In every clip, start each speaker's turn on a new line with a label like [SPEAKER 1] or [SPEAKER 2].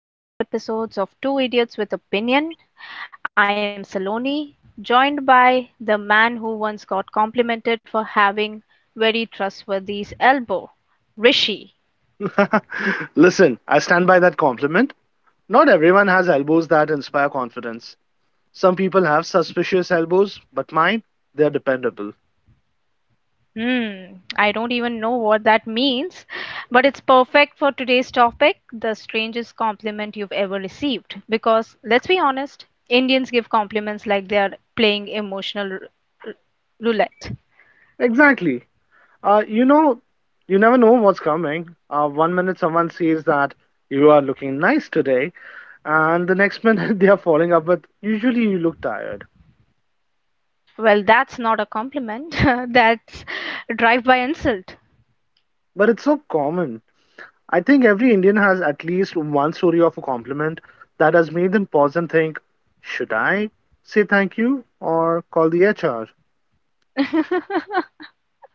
[SPEAKER 1] to another episode of Two Idiots with Opinion. I am Saloni, joined by the man who once got complimented for having very trustworthy elbow, Rishi.
[SPEAKER 2] Listen, I stand by that compliment. Not everyone has elbows that inspire confidence. Some people have suspicious elbows, but mine, they're dependable.
[SPEAKER 1] Hmm, I don't even know what that means, but it's perfect for today's topic, the strangest compliment you've ever received. Because let's be honest, Indians give compliments like they are playing emotional r- roulette.
[SPEAKER 2] Exactly. Uh, you know, you never know what's coming. One minute someone says that you are looking nice today, and the next minute they are following up with, usually you look tired.
[SPEAKER 1] Well, that's not a compliment. That's a drive-by insult.
[SPEAKER 2] But it's so common. I think every Indian has at least one story of a compliment that has made them pause and think, should I say thank you or call the HR?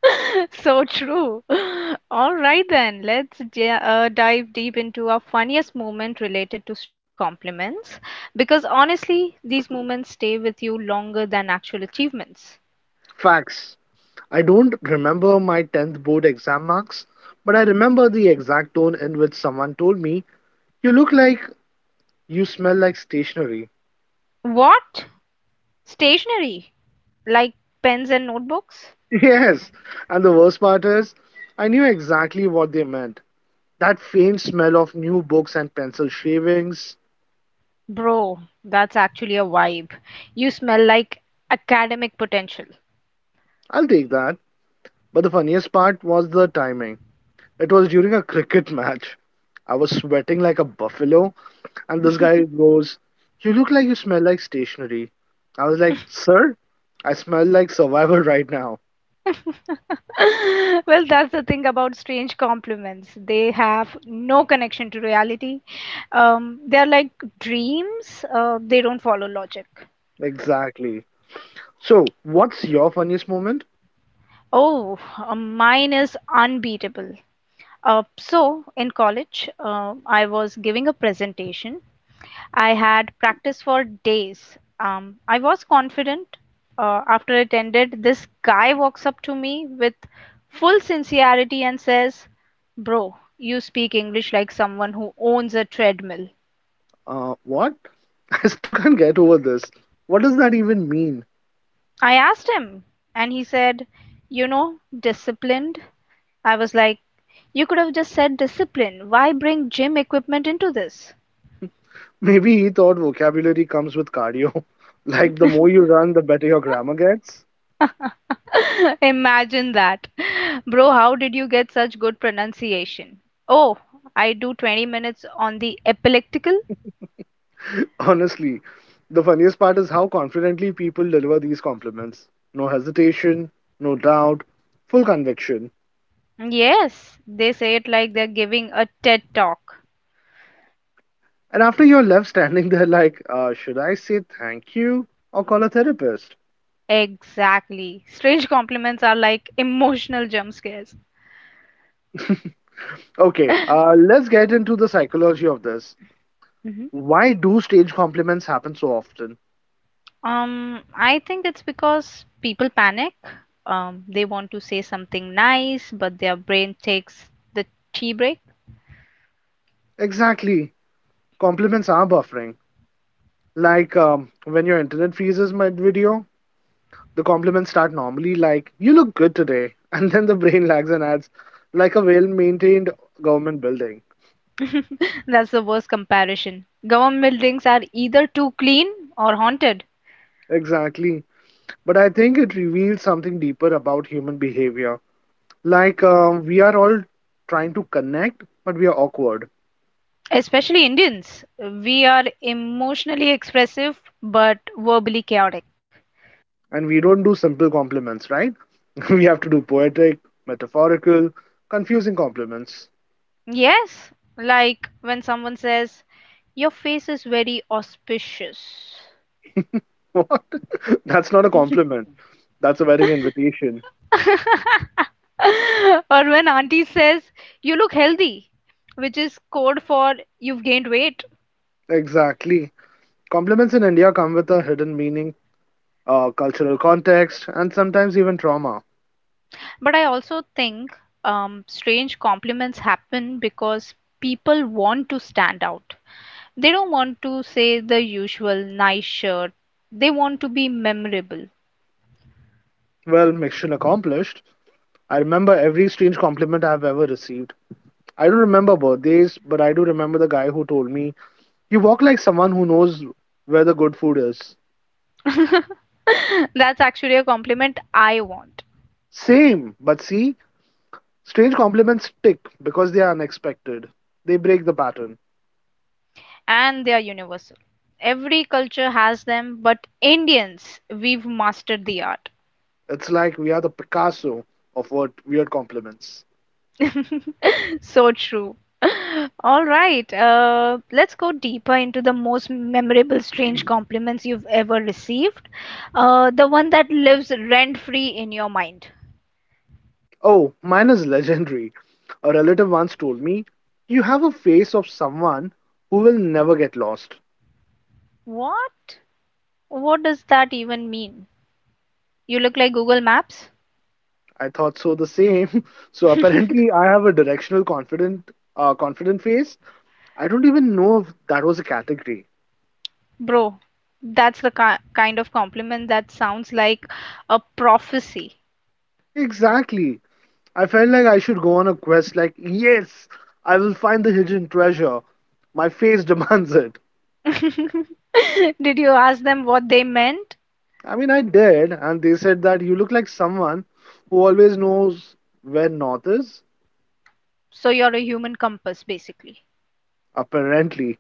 [SPEAKER 1] So true. All right then, dive deep into our funniest moment related to strange compliments because honestly, these moments stay with you longer than actual achievements.
[SPEAKER 2] Facts. I don't remember my 10th board exam marks, but I remember the exact tone in which someone told me, you look like you smell like stationery.
[SPEAKER 1] What? Stationery? Like pens and notebooks?
[SPEAKER 2] Yes, and the worst part is, I knew exactly what they meant. That faint smell of new books and pencil shavings.
[SPEAKER 1] Bro, that's actually a vibe. You smell like academic potential.
[SPEAKER 2] I'll take that. But the funniest part was the timing. It was during a cricket match. I was sweating like a buffalo, and this guy goes, you look like you smell like stationery. I was like, sir, I smell like survival right now.
[SPEAKER 1] Well, that's the thing about strange compliments. They have no connection to reality. They're like dreams, they don't follow logic.
[SPEAKER 2] Exactly. So, what's your funniest moment?
[SPEAKER 1] Oh, mine is unbeatable. In college, I was giving a presentation. I had practiced for days. I was confident. After it ended, this guy walks up to me with full sincerity and says, Bro, you speak English like someone who owns a treadmill.
[SPEAKER 2] What? I still can't get over this. What does that even mean?
[SPEAKER 1] I asked him, and he said, You know, disciplined. I was like, You could have just said discipline. Why bring gym equipment into this?
[SPEAKER 2] Maybe he thought vocabulary comes with cardio. Like, the more you run, the better your grammar gets.
[SPEAKER 1] Imagine that. Bro, how did you get such good pronunciation? Oh, I do 20 minutes on the epileptical?
[SPEAKER 2] Honestly, the funniest part is how confidently people deliver these compliments. No hesitation, no doubt, full conviction.
[SPEAKER 1] Yes, they say it like they're giving a TED talk.
[SPEAKER 2] And after you're left standing there like, should I say thank you or call a therapist?
[SPEAKER 1] Exactly. Strange compliments are like emotional jump scares.
[SPEAKER 2] Okay, let's get into the psychology of this.
[SPEAKER 1] Mhm.
[SPEAKER 2] Why do stage compliments happen so often?
[SPEAKER 1] I think it's because people panic. They want to say something nice, but their brain takes the tea break.
[SPEAKER 2] Exactly. Compliments are buffering. Like when your internet freezes mid video, the compliments start normally like, you look good today. And then the brain lags and adds, like a well maintained government building.
[SPEAKER 1] That's the worst comparison. Government buildings are either too clean or haunted.
[SPEAKER 2] Exactly. But I think it reveals something deeper about human behavior. Like, we are all trying to connect, but we are awkward.
[SPEAKER 1] Especially Indians. We are emotionally expressive but verbally chaotic.
[SPEAKER 2] And we don't do simple compliments, right? We have to do poetic, metaphorical, confusing compliments.
[SPEAKER 1] Yes, like when someone says, Your face is very auspicious.
[SPEAKER 2] What? That's not a compliment. That's a wedding invitation.
[SPEAKER 1] Or when auntie says, You look healthy, which is code for you've gained weight.
[SPEAKER 2] Exactly. Compliments in India come with a hidden meaning, cultural context, and sometimes even trauma.
[SPEAKER 1] But I also think strange compliments happen because people want to stand out. They don't want to say the usual nice shirt, they want to be memorable.
[SPEAKER 2] Well, mission accomplished. I remember every strange compliment I've ever received. I don't remember birthdays, but I do remember the guy who told me, you walk like someone who knows where the good food is.
[SPEAKER 1] That's actually a compliment I want,
[SPEAKER 2] Same, but see, strange compliments stick because they are unexpected. They break the pattern.
[SPEAKER 1] and they are universal. Every culture has them, but Indians, we've mastered the art.
[SPEAKER 2] It's like we are the Picasso of what weird compliments.
[SPEAKER 1] So true. All right, let's go deeper into the most memorable strange compliments you've ever received. The one that lives rent-free in your mind.
[SPEAKER 2] Oh, mine is legendary. A relative once told me, you have a face of someone who will never get lost.
[SPEAKER 1] What? What does that even mean? You look like Google Maps?
[SPEAKER 2] I thought so the same. So apparently, I have a confident face. I don't even know if that was a category.
[SPEAKER 1] Bro, that's the ki kind of compliment that sounds like a prophecy.
[SPEAKER 2] Exactly. I felt like I should go on a quest like, yes, I will find the hidden treasure. My face demands it.
[SPEAKER 1] Did you ask them what they meant?
[SPEAKER 2] I mean, I did, and they said that you look like someone who always knows where north is,
[SPEAKER 1] So you're a human compass, basically.
[SPEAKER 2] apparently.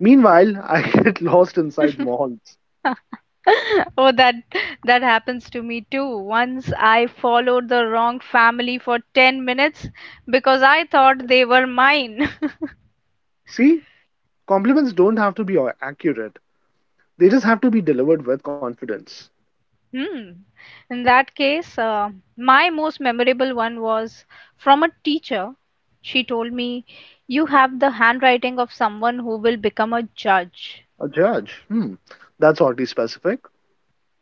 [SPEAKER 2] Meanwhile, I get lost inside malls.
[SPEAKER 1] Oh, that happens to me too. Once I followed the wrong family for 10 minutes because I thought they were mine.
[SPEAKER 2] See, compliments don't have to be accurate. They just have to be delivered with confidence.
[SPEAKER 1] Hmm. In that case, my most memorable one was from a teacher. She told me, "You have the handwriting of someone who will become a judge."
[SPEAKER 2] A judge. Hmm. That's oddly specific.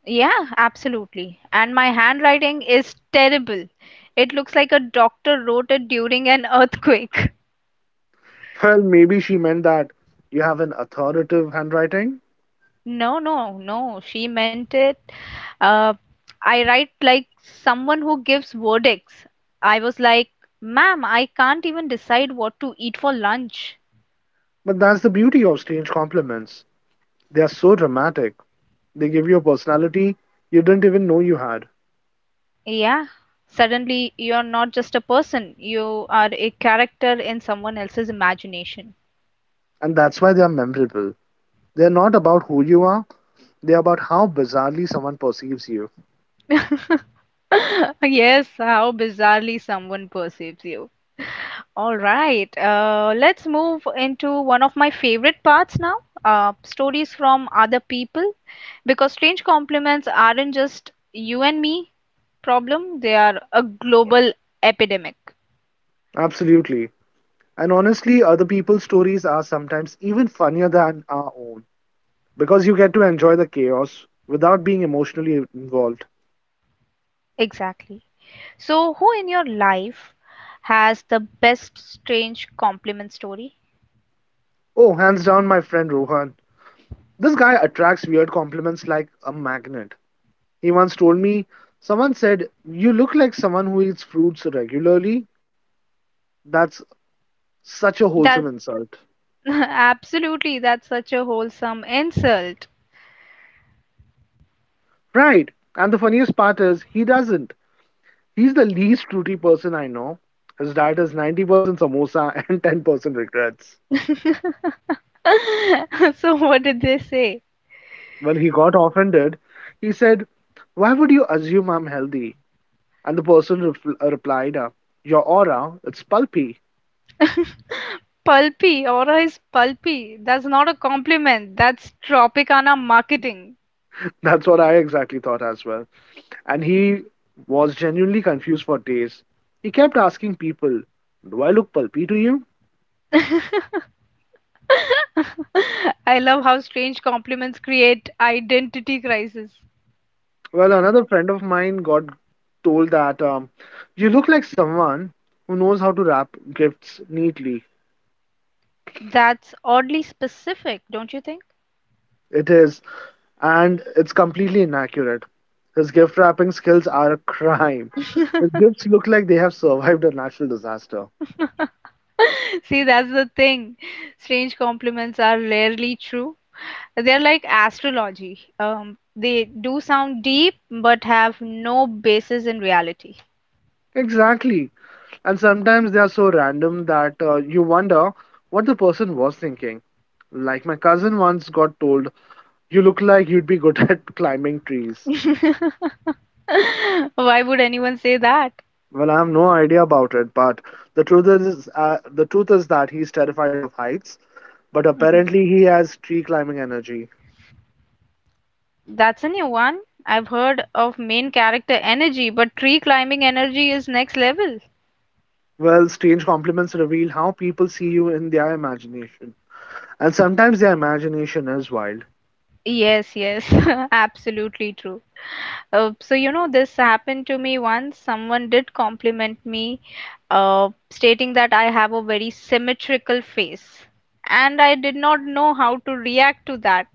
[SPEAKER 1] Yeah, absolutely. And my handwriting is terrible. It looks like a doctor wrote it during an earthquake.
[SPEAKER 2] Well, maybe she meant that you have an authoritative handwriting.
[SPEAKER 1] No, no, no. She meant it. Uh, I write like someone who gives verdicts. I was like, ma'am, I can't even decide what to eat for lunch.
[SPEAKER 2] But that's the beauty of strange compliments. They are so dramatic. They give you a personality you didn't even know you had.
[SPEAKER 1] Yeah. Suddenly, you're not just a person, you are a character in someone else's imagination.
[SPEAKER 2] And that's why they are memorable. They're not about who you are, they're about how bizarrely someone perceives you.
[SPEAKER 1] Yes, how bizarrely someone perceives you. All right, let's move into one of my favorite parts now, stories from other people, because strange compliments aren't just you and me. Problem, they are a global epidemic.
[SPEAKER 2] Absolutely. And honestly, other people's stories are sometimes even funnier than our own because you get to enjoy the chaos without being emotionally involved.
[SPEAKER 1] Exactly. So, who in your life has the best strange compliment story?
[SPEAKER 2] Oh, hands down, my friend Rohan. This guy attracts weird compliments like a magnet. He once told me someone said, you look like someone who eats fruits regularly. That's such a
[SPEAKER 1] That
[SPEAKER 2] wholesome insult.
[SPEAKER 1] absolutely, that's such a wholesome insult.
[SPEAKER 2] Right. And the funniest part is, he doesn't. He's the least fruity person I know. His diet is 90% samosa and 10% regrets.
[SPEAKER 1] So, what did they say?
[SPEAKER 2] Well, he got offended. He said, why would you assume I'm healthy? And the person replied, your aura, it's pulpy.
[SPEAKER 1] Pulpy, Aura is pulpy. That's not a compliment. That's Tropicana marketing.
[SPEAKER 2] That's what I exactly thought as well. And he was genuinely confused for days. He kept asking people, do I look pulpy to you?
[SPEAKER 1] I love how strange compliments create identity crisis.
[SPEAKER 2] Well, another friend of mine got told that you look like someone who knows how to wrap gifts neatly.
[SPEAKER 1] That's oddly specific, don't you think?
[SPEAKER 2] It is, and it's completely inaccurate. His gift wrapping skills are a crime. His gifts look like they have survived a natural disaster.
[SPEAKER 1] See, that's the thing. Strange compliments are rarely true. They're like astrology. They do sound deep, but have no basis in reality.
[SPEAKER 2] Exactly. And sometimes they are so random that you wonder what the person was thinking. Like my cousin once got told, you look like you'd be good at climbing trees.
[SPEAKER 1] Why would anyone say that?
[SPEAKER 2] Well, I have no idea about it, but the truth is that he's terrified of heights. But
[SPEAKER 1] Mhm.
[SPEAKER 2] apparently, he has tree climbing energy.
[SPEAKER 1] That's a new one. I've heard of main character energy, but tree climbing energy is next level.
[SPEAKER 2] Well, strange compliments reveal how people see you in their imagination. And sometimes their imagination is wild.
[SPEAKER 1] Yes, yes, absolutely true. So you know this happened to me once. Someone did compliment me, stating that I have a very symmetrical face, and I did not know how to react to that.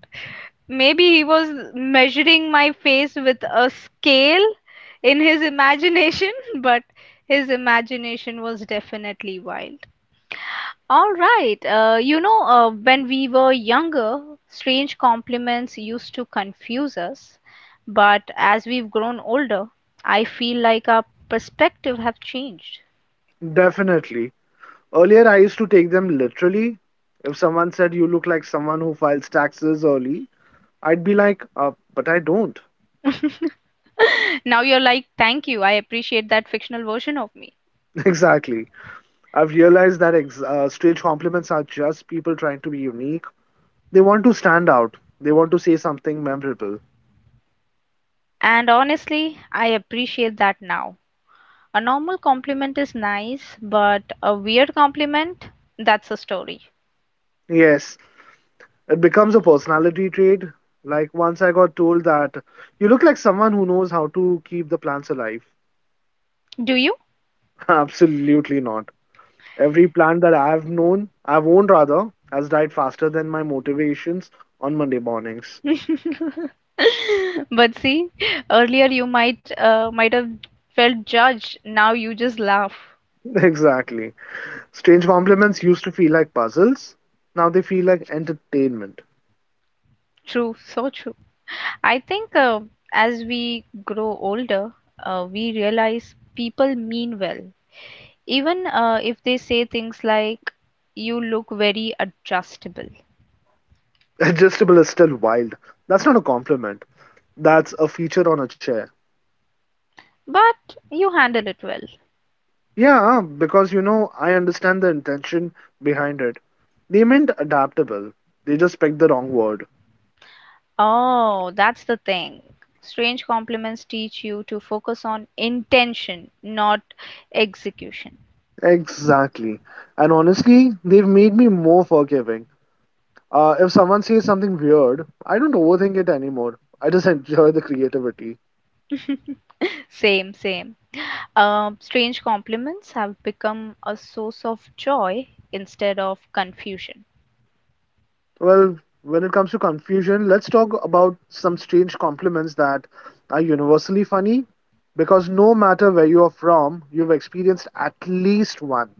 [SPEAKER 1] Maybe he was measuring my face with a scale in his imagination, but his imagination was definitely wild. All right. When we were younger, strange compliments used to confuse us. But as we've grown older, I feel like our perspective have changed.
[SPEAKER 2] Definitely. Earlier, I used to take them literally. If someone said you look like someone who files taxes early, I'd be like, but I don't.
[SPEAKER 1] Now you're like, thank you. I appreciate that fictional version of me.
[SPEAKER 2] Exactly. I've realized that strange compliments are just people trying to be unique. They want to stand out, they want to say something memorable.
[SPEAKER 1] And honestly, I appreciate that now. A normal compliment is nice, but a weird compliment, that's a story.
[SPEAKER 2] Yes, it becomes a personality trait. Like once I got told that you look like someone who knows how to keep the plants alive.
[SPEAKER 1] Do you?
[SPEAKER 2] Absolutely not. Every plant that I've known, I've owned rather, has died faster than my motivations on Monday mornings.
[SPEAKER 1] But see, earlier you might have felt judged. Now you just laugh.
[SPEAKER 2] Exactly. Strange compliments used to feel like puzzles. Now they feel like entertainment.
[SPEAKER 1] True, so true. I think as we grow older, we realize people mean well, even if they say things like, "You look very adjustable,"
[SPEAKER 2] Adjustable is still wild. That's not a compliment. That's a feature on a chair.
[SPEAKER 1] but you handle it well.
[SPEAKER 2] Yeah, because you know, I understand the intention behind it. They meant adaptable, they just picked the wrong word.
[SPEAKER 1] Oh, that's the thing. Strange compliments teach you to focus on intention, not execution.
[SPEAKER 2] Exactly. And honestly, they've made me more forgiving. If someone says something weird, I don't overthink it anymore. I just enjoy the creativity.
[SPEAKER 1] Same, same. Strange compliments have become a source of joy instead of confusion.
[SPEAKER 2] Well, when it comes to confusion, let's talk about some strange compliments that are universally funny because no matter where you are from, you've experienced at least one.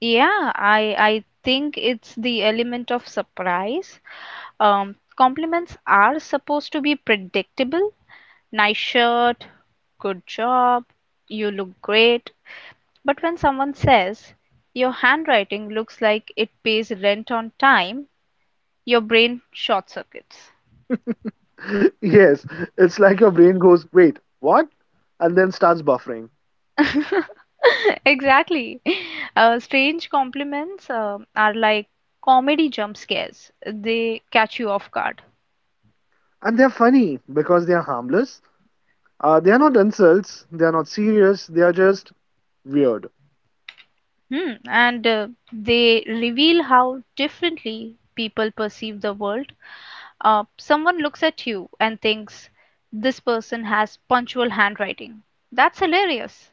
[SPEAKER 1] Yeah, I think it's the element of surprise. Compliments are supposed to be predictable. Nice shirt, good job, you look great. But when someone says your handwriting looks like it pays rent on time, your brain short circuits.
[SPEAKER 2] Yes, it's like your brain goes, wait, what? And then starts buffering.
[SPEAKER 1] Exactly. Strange compliments are like comedy jump scares. They catch you off guard.
[SPEAKER 2] And they're funny because they're harmless. They're not insults, they're not serious, they're just weird.
[SPEAKER 1] Hmm. And they reveal how differently people perceive the world. Uh, someone looks at you and thinks, this person has punctual handwriting. That's hilarious.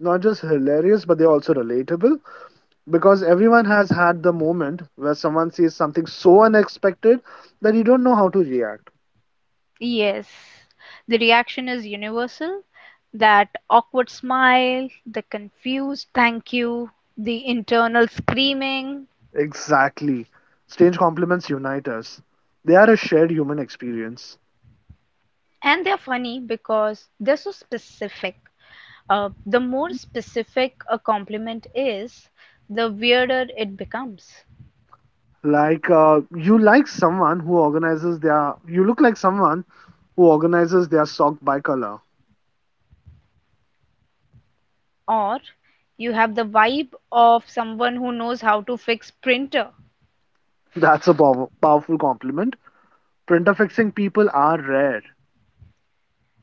[SPEAKER 2] Not just hilarious, but they're also relatable because everyone has had the moment where someone says something so unexpected that you don't know how to react.
[SPEAKER 1] Yes, the reaction is universal. That awkward smile, the confused thank you, the internal screaming,
[SPEAKER 2] Exactly. Strange compliments unite us, they are a shared human experience.
[SPEAKER 1] and they're funny because they're so specific. The more specific a compliment is, the weirder it becomes.
[SPEAKER 2] Like you like someone who organizes their you look like someone who organizes their sock by color.
[SPEAKER 1] Or you have the vibe of someone who knows how to fix printer.
[SPEAKER 2] That's a powerful compliment. Printer fixing people are rare,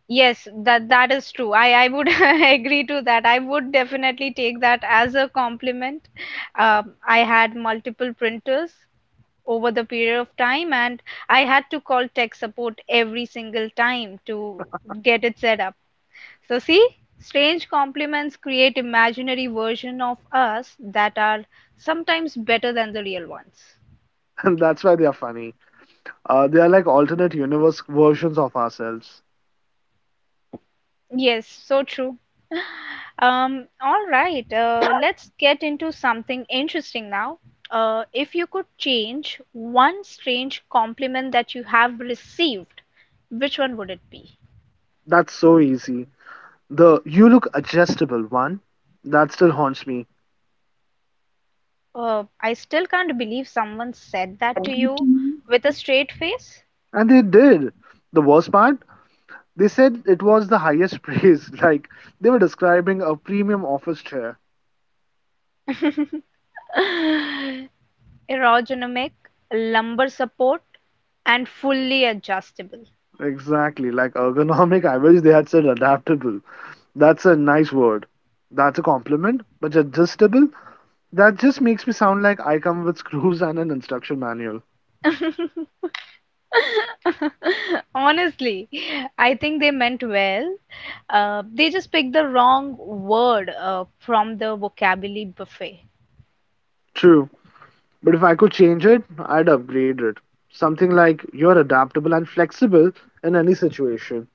[SPEAKER 1] Yes, that that is true. I would agree to that. I would definitely take that as a compliment. I had multiple printers over the period of time, and I had to call tech support every single time to get it set up. So see, strange compliments create imaginary version of us that are sometimes better than the real ones.
[SPEAKER 2] and that's why they are funny. They are like alternate universe versions of ourselves.
[SPEAKER 1] Yes, so true. Let's get into something interesting now. If you could change one strange compliment that you have received, which one would it be?
[SPEAKER 2] That's so easy. The you look adjustable one that still haunts me,
[SPEAKER 1] I still can't believe someone said that to you with a straight face.
[SPEAKER 2] and they did. The worst part, they said it was the highest praise. Like they were describing a premium office chair.
[SPEAKER 1] Aerodynamic, lumbar support, and fully adjustable.
[SPEAKER 2] Exactly. Like ergonomic, I wish they had said adaptable. That's a nice word. That's a compliment. But adjustable, that just makes me sound like I come with screws and an instruction manual.
[SPEAKER 1] Honestly, I think they meant well. They just picked the wrong word from the vocabulary buffet.
[SPEAKER 2] True. But if I could change it, I'd upgrade it. Something like you're adaptable and flexible in any situation.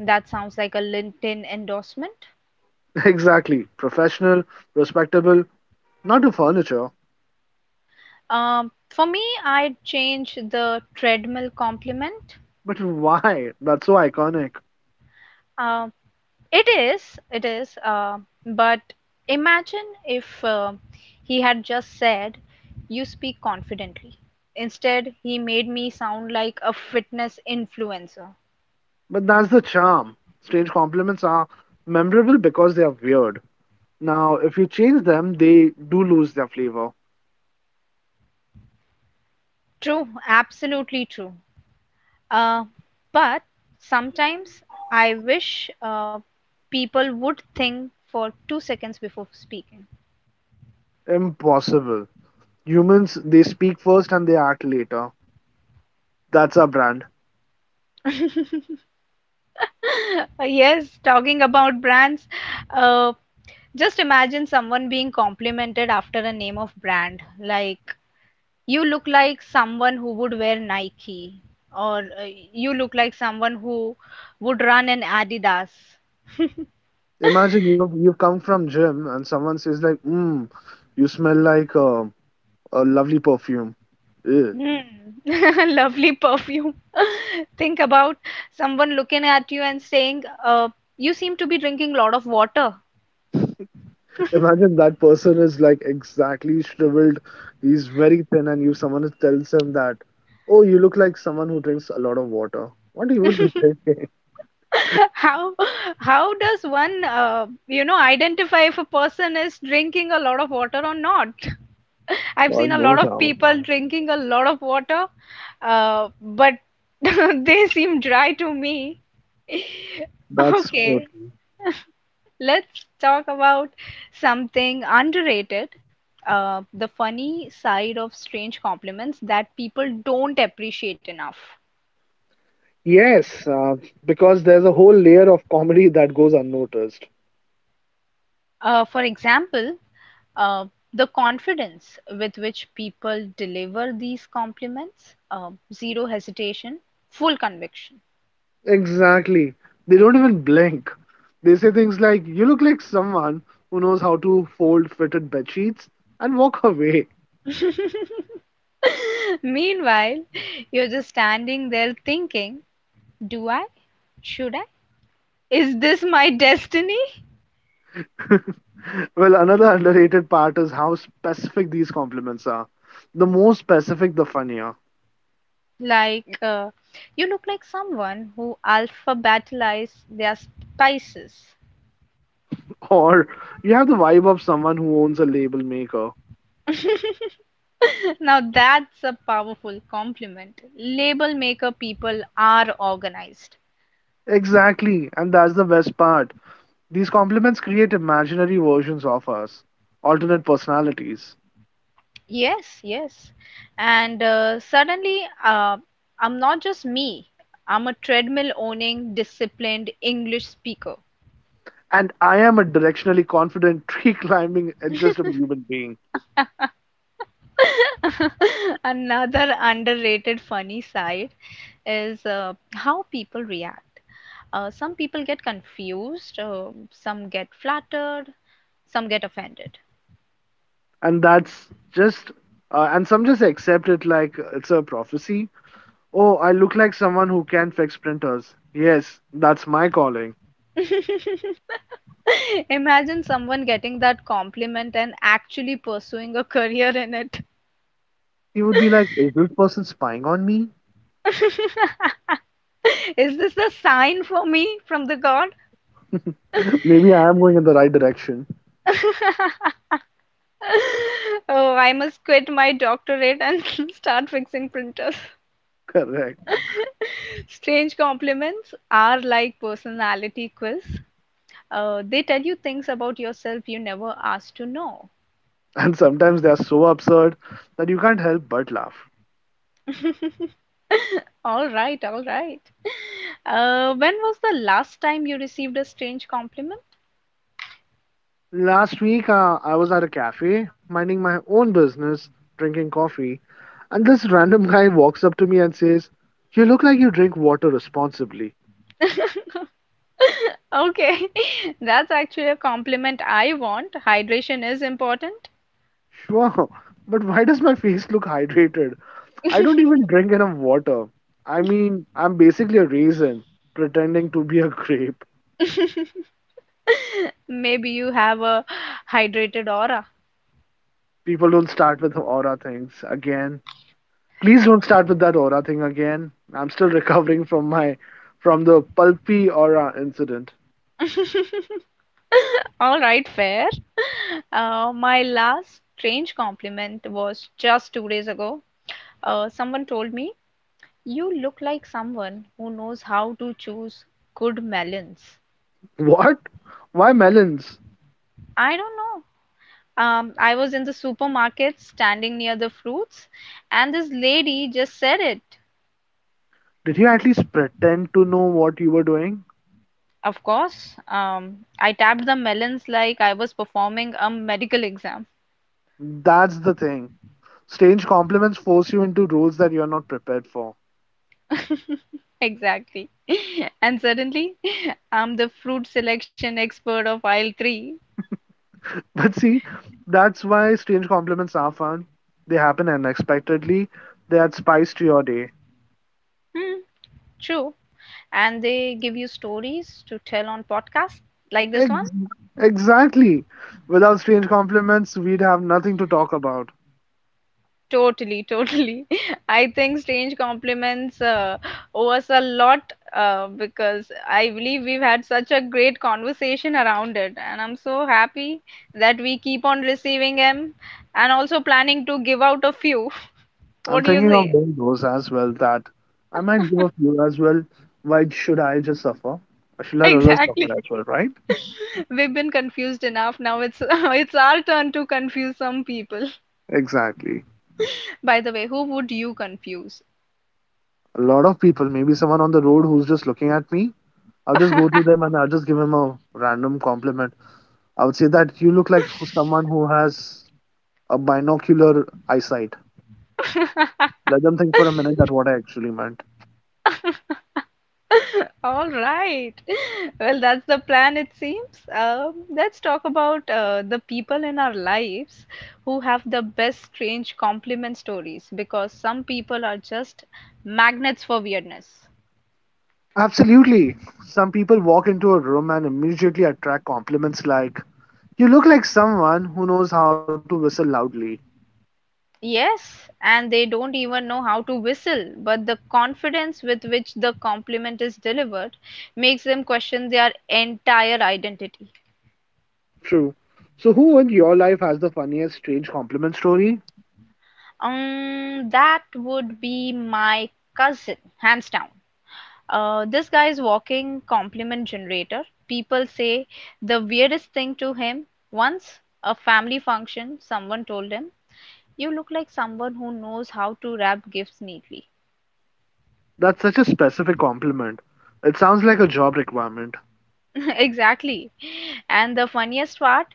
[SPEAKER 1] That sounds like a LinkedIn endorsement.
[SPEAKER 2] Exactly. Professional, respectable, not to furniture.
[SPEAKER 1] For me, I'd change the treadmill compliment.
[SPEAKER 2] But why? That's so iconic.
[SPEAKER 1] Um it is, it is, but imagine if he had just said, You speak confidently. Instead, he made me sound like a fitness influencer.
[SPEAKER 2] But that's the charm. Strange compliments are memorable because they are weird. Now, if you change them, they do lose their flavor.
[SPEAKER 1] True, absolutely true. Uh, but sometimes I wish people would think for 2 seconds before speaking.
[SPEAKER 2] Impossible. Humans, they speak first and they act later. That's our brand.
[SPEAKER 1] Yes, talking about brands, uh, just imagine someone being complimented after a name of brand. Like, you look like someone who would wear Nike, or you look like someone who would run an Adidas.
[SPEAKER 2] Imagine you've come from gym and someone says like, "Mmm, you smell like a lovely perfume." Ew.
[SPEAKER 1] Mm. Lovely perfume. Think about someone looking at you and saying, you seem to be drinking a lot of water.
[SPEAKER 2] Imagine that person is like exactly shriveled. He's very thin, and you someone tells him that, "Oh, you look like someone who drinks a lot of water." What you would be thinking?
[SPEAKER 1] How how does one identify if a person is drinking a lot of water or not? I've seen
[SPEAKER 2] God
[SPEAKER 1] a lot
[SPEAKER 2] knows
[SPEAKER 1] of
[SPEAKER 2] how.
[SPEAKER 1] people drinking a lot of water, but they seem dry to me.
[SPEAKER 2] That's so
[SPEAKER 1] Okay.
[SPEAKER 2] true.
[SPEAKER 1] Let's talk about something underrated, the funny side of strange compliments that people don't appreciate enough.
[SPEAKER 2] Yes, because there's a whole layer of comedy that goes unnoticed.
[SPEAKER 1] For example, uh, the confidence with which people deliver these compliments, zero hesitation, full conviction.
[SPEAKER 2] Exactly. They don't even blink. They say things like, you look like someone who knows how to fold fitted bedsheets and walk away.
[SPEAKER 1] Meanwhile, you're just standing there thinking, do I? Should I? Is this my destiny?
[SPEAKER 2] Well, another underrated part is how specific these compliments are. The more specific, the funnier.
[SPEAKER 1] Like, you look like someone who alphabetized their spices.
[SPEAKER 2] Or you have the vibe of someone who owns a label maker.
[SPEAKER 1] Now that's a powerful compliment. Label maker people are organized.
[SPEAKER 2] Exactly, and that's the best part. These complements create imaginary versions of us, alternate personalities.
[SPEAKER 1] Yes, yes. And suddenly, I'm not just me, I'm a treadmill owning, disciplined English speaker.
[SPEAKER 2] And I am a directionally confident, tree climbing, adjustable human being.
[SPEAKER 1] Another underrated funny side is how people react. Some people get confused, some get flattered, some get offended.
[SPEAKER 2] And that's just, and some just accept it like it's a prophecy. Oh, I look like someone who can fix printers. Yes, that's my calling.
[SPEAKER 1] Imagine someone getting that compliment and actually pursuing a career in it.
[SPEAKER 2] He would be like, is this person spying on me?
[SPEAKER 1] Is this a sign for me from the God?
[SPEAKER 2] Maybe I am going in the right direction.
[SPEAKER 1] Oh, I must quit my doctorate and start fixing printers.
[SPEAKER 2] Correct.
[SPEAKER 1] Strange compliments are like personality quiz. They tell you things about yourself you never asked to know.
[SPEAKER 2] And sometimes they are so absurd that you can't help but laugh.
[SPEAKER 1] All right, all right. When was the last time you received a strange compliment?
[SPEAKER 2] Last week, I was at a cafe, minding my own business, drinking coffee, and this random guy walks up to me and says, "You look like you drink water responsibly."
[SPEAKER 1] Okay, that's actually a compliment I want. Hydration is important.
[SPEAKER 2] Sure, but why does my face look hydrated? I don't even drink enough water. I mean, I'm basically a raisin pretending to be a grape.
[SPEAKER 1] Maybe you have a hydrated aura.
[SPEAKER 2] People don't start with aura things again. Please don't start with that aura thing again. I'm still recovering from my from the pulpy aura incident.
[SPEAKER 1] All right, fair. My last strange compliment was just two days ago. Someone told me, "You look like someone who knows how to choose good melons."
[SPEAKER 2] What? Why melons?
[SPEAKER 1] I don't know. I was in the supermarket standing near the fruits, and this lady just said it.
[SPEAKER 2] Did you at least pretend to know what you were doing?
[SPEAKER 1] Of course, I tapped the melons like I was performing a medical exam.
[SPEAKER 2] That's the thing. Strange compliments force you into roles that you're not prepared for.
[SPEAKER 1] Exactly. And suddenly, I'm the fruit selection expert of aisle 3.
[SPEAKER 2] But see, that's why strange compliments are fun. They happen unexpectedly, they add spice to your day.
[SPEAKER 1] Hmm, true. And they give you stories to tell on podcasts like this one?
[SPEAKER 2] Ex- exactly. Without strange compliments, we'd have nothing to talk about.
[SPEAKER 1] Totally, totally. I think strange compliments owe us a lot because I believe we've had such a great conversation around it. And I'm so happy that we keep on receiving them and also planning to give out a few. What
[SPEAKER 2] I'm
[SPEAKER 1] do you
[SPEAKER 2] thinking of
[SPEAKER 1] say?
[SPEAKER 2] doing those as well, that I might give a few as well. Why should I just suffer? I should let others suffer
[SPEAKER 1] Exactly.
[SPEAKER 2] as well, right?
[SPEAKER 1] We've been confused enough. Now it's it's our turn to confuse some people.
[SPEAKER 2] Exactly.
[SPEAKER 1] By the way, who would you confuse?
[SPEAKER 2] A lot of people, maybe someone on the road who's just looking at me, I'll just go to them and I'll just give him a random compliment. I would say that you look like who- someone who has a binocular eyesight. Let them think for a minute that what I actually meant.
[SPEAKER 1] All right. Well, that's the plan, it seems. Let's talk about the people in our lives who have the best strange compliment stories, because some people are just magnets for weirdness.
[SPEAKER 2] Absolutely. Some people walk into a room and immediately attract compliments like, "You look like someone who knows how to whistle loudly."
[SPEAKER 1] Yes, and they don't even know how to whistle, but the confidence with which the compliment is delivered makes them question their entire identity.
[SPEAKER 2] True. So, who in your life has the funniest strange compliment story?
[SPEAKER 1] That would be my cousin, hands down. This guy is walking compliment generator. People say the weirdest thing to him. Once, a family function, someone told him, "You look like someone who knows how to wrap gifts neatly."
[SPEAKER 2] That's such a specific compliment. It sounds like a job requirement.
[SPEAKER 1] Exactly. And the funniest part,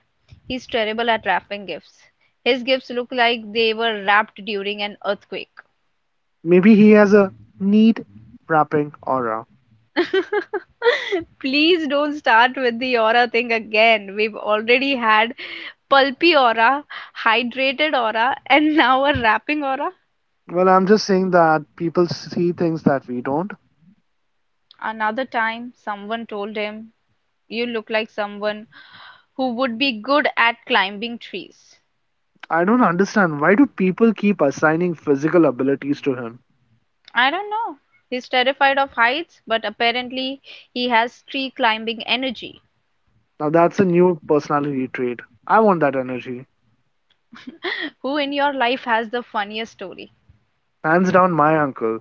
[SPEAKER 1] he's terrible at wrapping gifts. His gifts look like they were wrapped during an earthquake.
[SPEAKER 2] Maybe he has a neat, wrapping aura.
[SPEAKER 1] Please don't start with the aura thing again. We've already had pulpy aura, hydrated aura, and now a wrapping aura.
[SPEAKER 2] Well, I'm just saying that people see things that we don't.
[SPEAKER 1] Another time, someone told him, "You look like someone who would be good at climbing trees."
[SPEAKER 2] I don't understand why do people keep assigning physical abilities to him?
[SPEAKER 1] I don't know. He's terrified of heights, but apparently he has tree climbing energy.
[SPEAKER 2] Now that's a new personality trait. I want that energy.
[SPEAKER 1] Who in your life has the funniest story?
[SPEAKER 2] Hands down my uncle.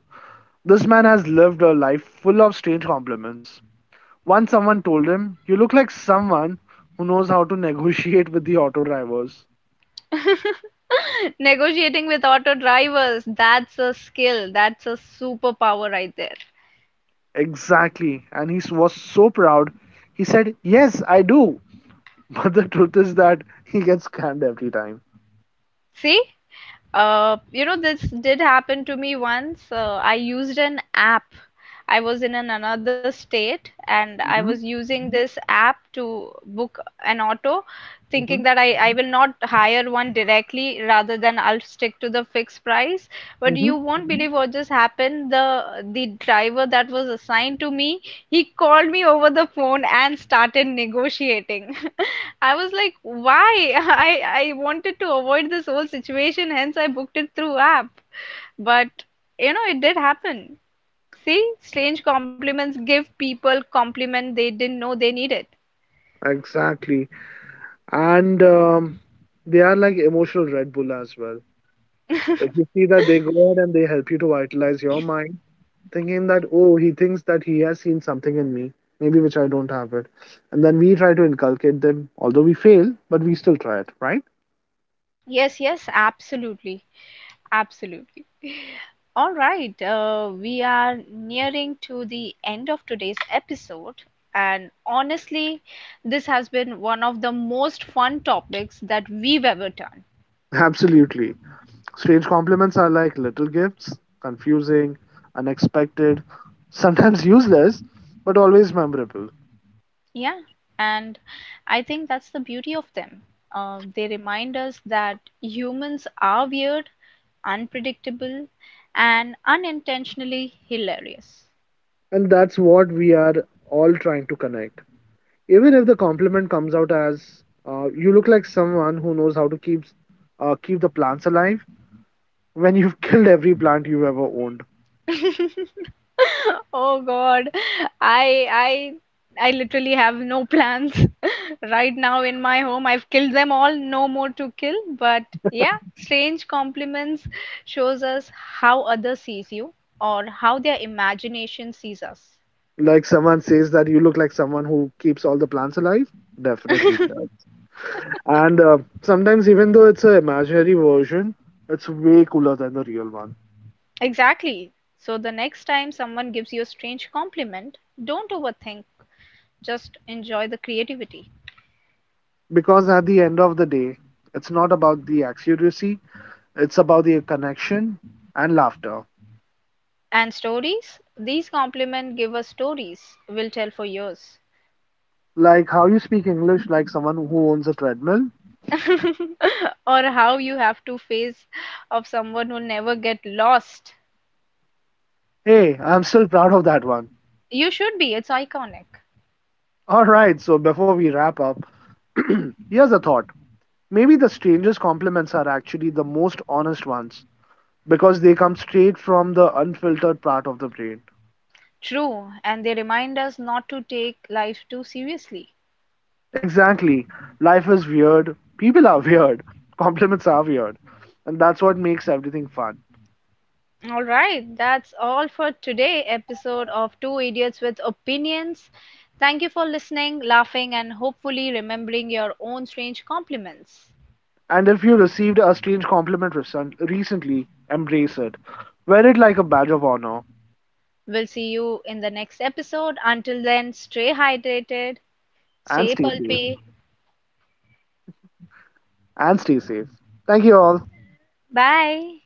[SPEAKER 2] This man has lived a life full of strange compliments. Once someone told him, "You look like someone who knows how to negotiate with the auto drivers."
[SPEAKER 1] Negotiating with auto drivers, that's a skill. That's a superpower right there.
[SPEAKER 2] Exactly, and he was so proud. He said, "Yes, I do." But the truth is that he gets scammed every time.
[SPEAKER 1] See? You know, this did happen to me once. I used an app. I was in an another state and I was
[SPEAKER 2] Hmm.
[SPEAKER 1] using this app to book an auto, thinking
[SPEAKER 2] Hmm.
[SPEAKER 1] that I will not hire one directly rather than I'll stick to the fixed price. But you
[SPEAKER 2] Hmm.
[SPEAKER 1] won't believe what just happened. The driver that was assigned to me, he called me over the phone and started negotiating. I was like, why? I wanted to avoid this whole situation, hence I booked it through app. But you know, it did happen. See, strange compliments give people compliment they didn't know they needed.
[SPEAKER 2] Exactly. And they are like emotional Red Bull as well. If you see that they go ahead and they help you to vitalize your mind, thinking that, oh, he thinks that he has seen something in me, maybe which I don't have it. And then we try to inculcate them, although we fail, but we still try it, right?
[SPEAKER 1] Yes, yes, absolutely, absolutely. All right, we are nearing to the end of today's episode, and honestly, this has been one of the most fun topics that we've ever done.
[SPEAKER 2] Absolutely. Strange compliments are like little gifts, confusing, unexpected, sometimes useless, but always memorable.
[SPEAKER 1] Yeah, and I think that's the beauty of them. They remind us that humans are weird, unpredictable, and unintentionally hilarious.
[SPEAKER 2] And that's what we are all trying to connect, even if the compliment comes out as, "You look like someone who knows how to keep the plants alive," when you've killed every plant you've ever owned.
[SPEAKER 1] Oh God, I I I literally have no plans right now in my home. I've killed them all, no more to kill. But yeah, strange compliments shows us how others sees you or how their imagination sees us.
[SPEAKER 2] Like, someone says that you look like someone who keeps all the plants alive, definitely it does. And sometimes, even though it's an imaginary version, it's way cooler than the real one,
[SPEAKER 1] Exactly. So the next time someone gives you a strange compliment, don't overthink, just enjoy the creativity.
[SPEAKER 2] because at the end of the day, it's not about the accuracy, it's about the connection and laughter.
[SPEAKER 1] And stories? These compliment givers stories will tell for years.
[SPEAKER 2] Like how you speak English like someone who owns a treadmill.
[SPEAKER 1] Or how you have to face of someone who never get lost.
[SPEAKER 2] Hey, I'm still proud of that one.
[SPEAKER 1] You should be, it's iconic.
[SPEAKER 2] Alright, so before we wrap up, here's a thought. Maybe the strangest compliments are actually the most honest ones, because they come straight from the unfiltered part of the brain.
[SPEAKER 1] True, and they remind us not to take life too seriously.
[SPEAKER 2] Exactly. Life is weird. People are weird. Compliments are weird. And that's what makes everything fun.
[SPEAKER 1] All right, that's all for today episode of Two Idiots with Opinions. Thank you for listening, laughing and hopefully remembering your own strange compliments.
[SPEAKER 2] And if you received a strange compliment recently, embrace it. Wear it like a badge of honor
[SPEAKER 1] We'll see you in the next episode. Until then, stay hydrated,
[SPEAKER 2] and
[SPEAKER 1] stay
[SPEAKER 2] stay safe.
[SPEAKER 1] pulpy.
[SPEAKER 2] And stay safe. Thank you all.
[SPEAKER 1] Bye.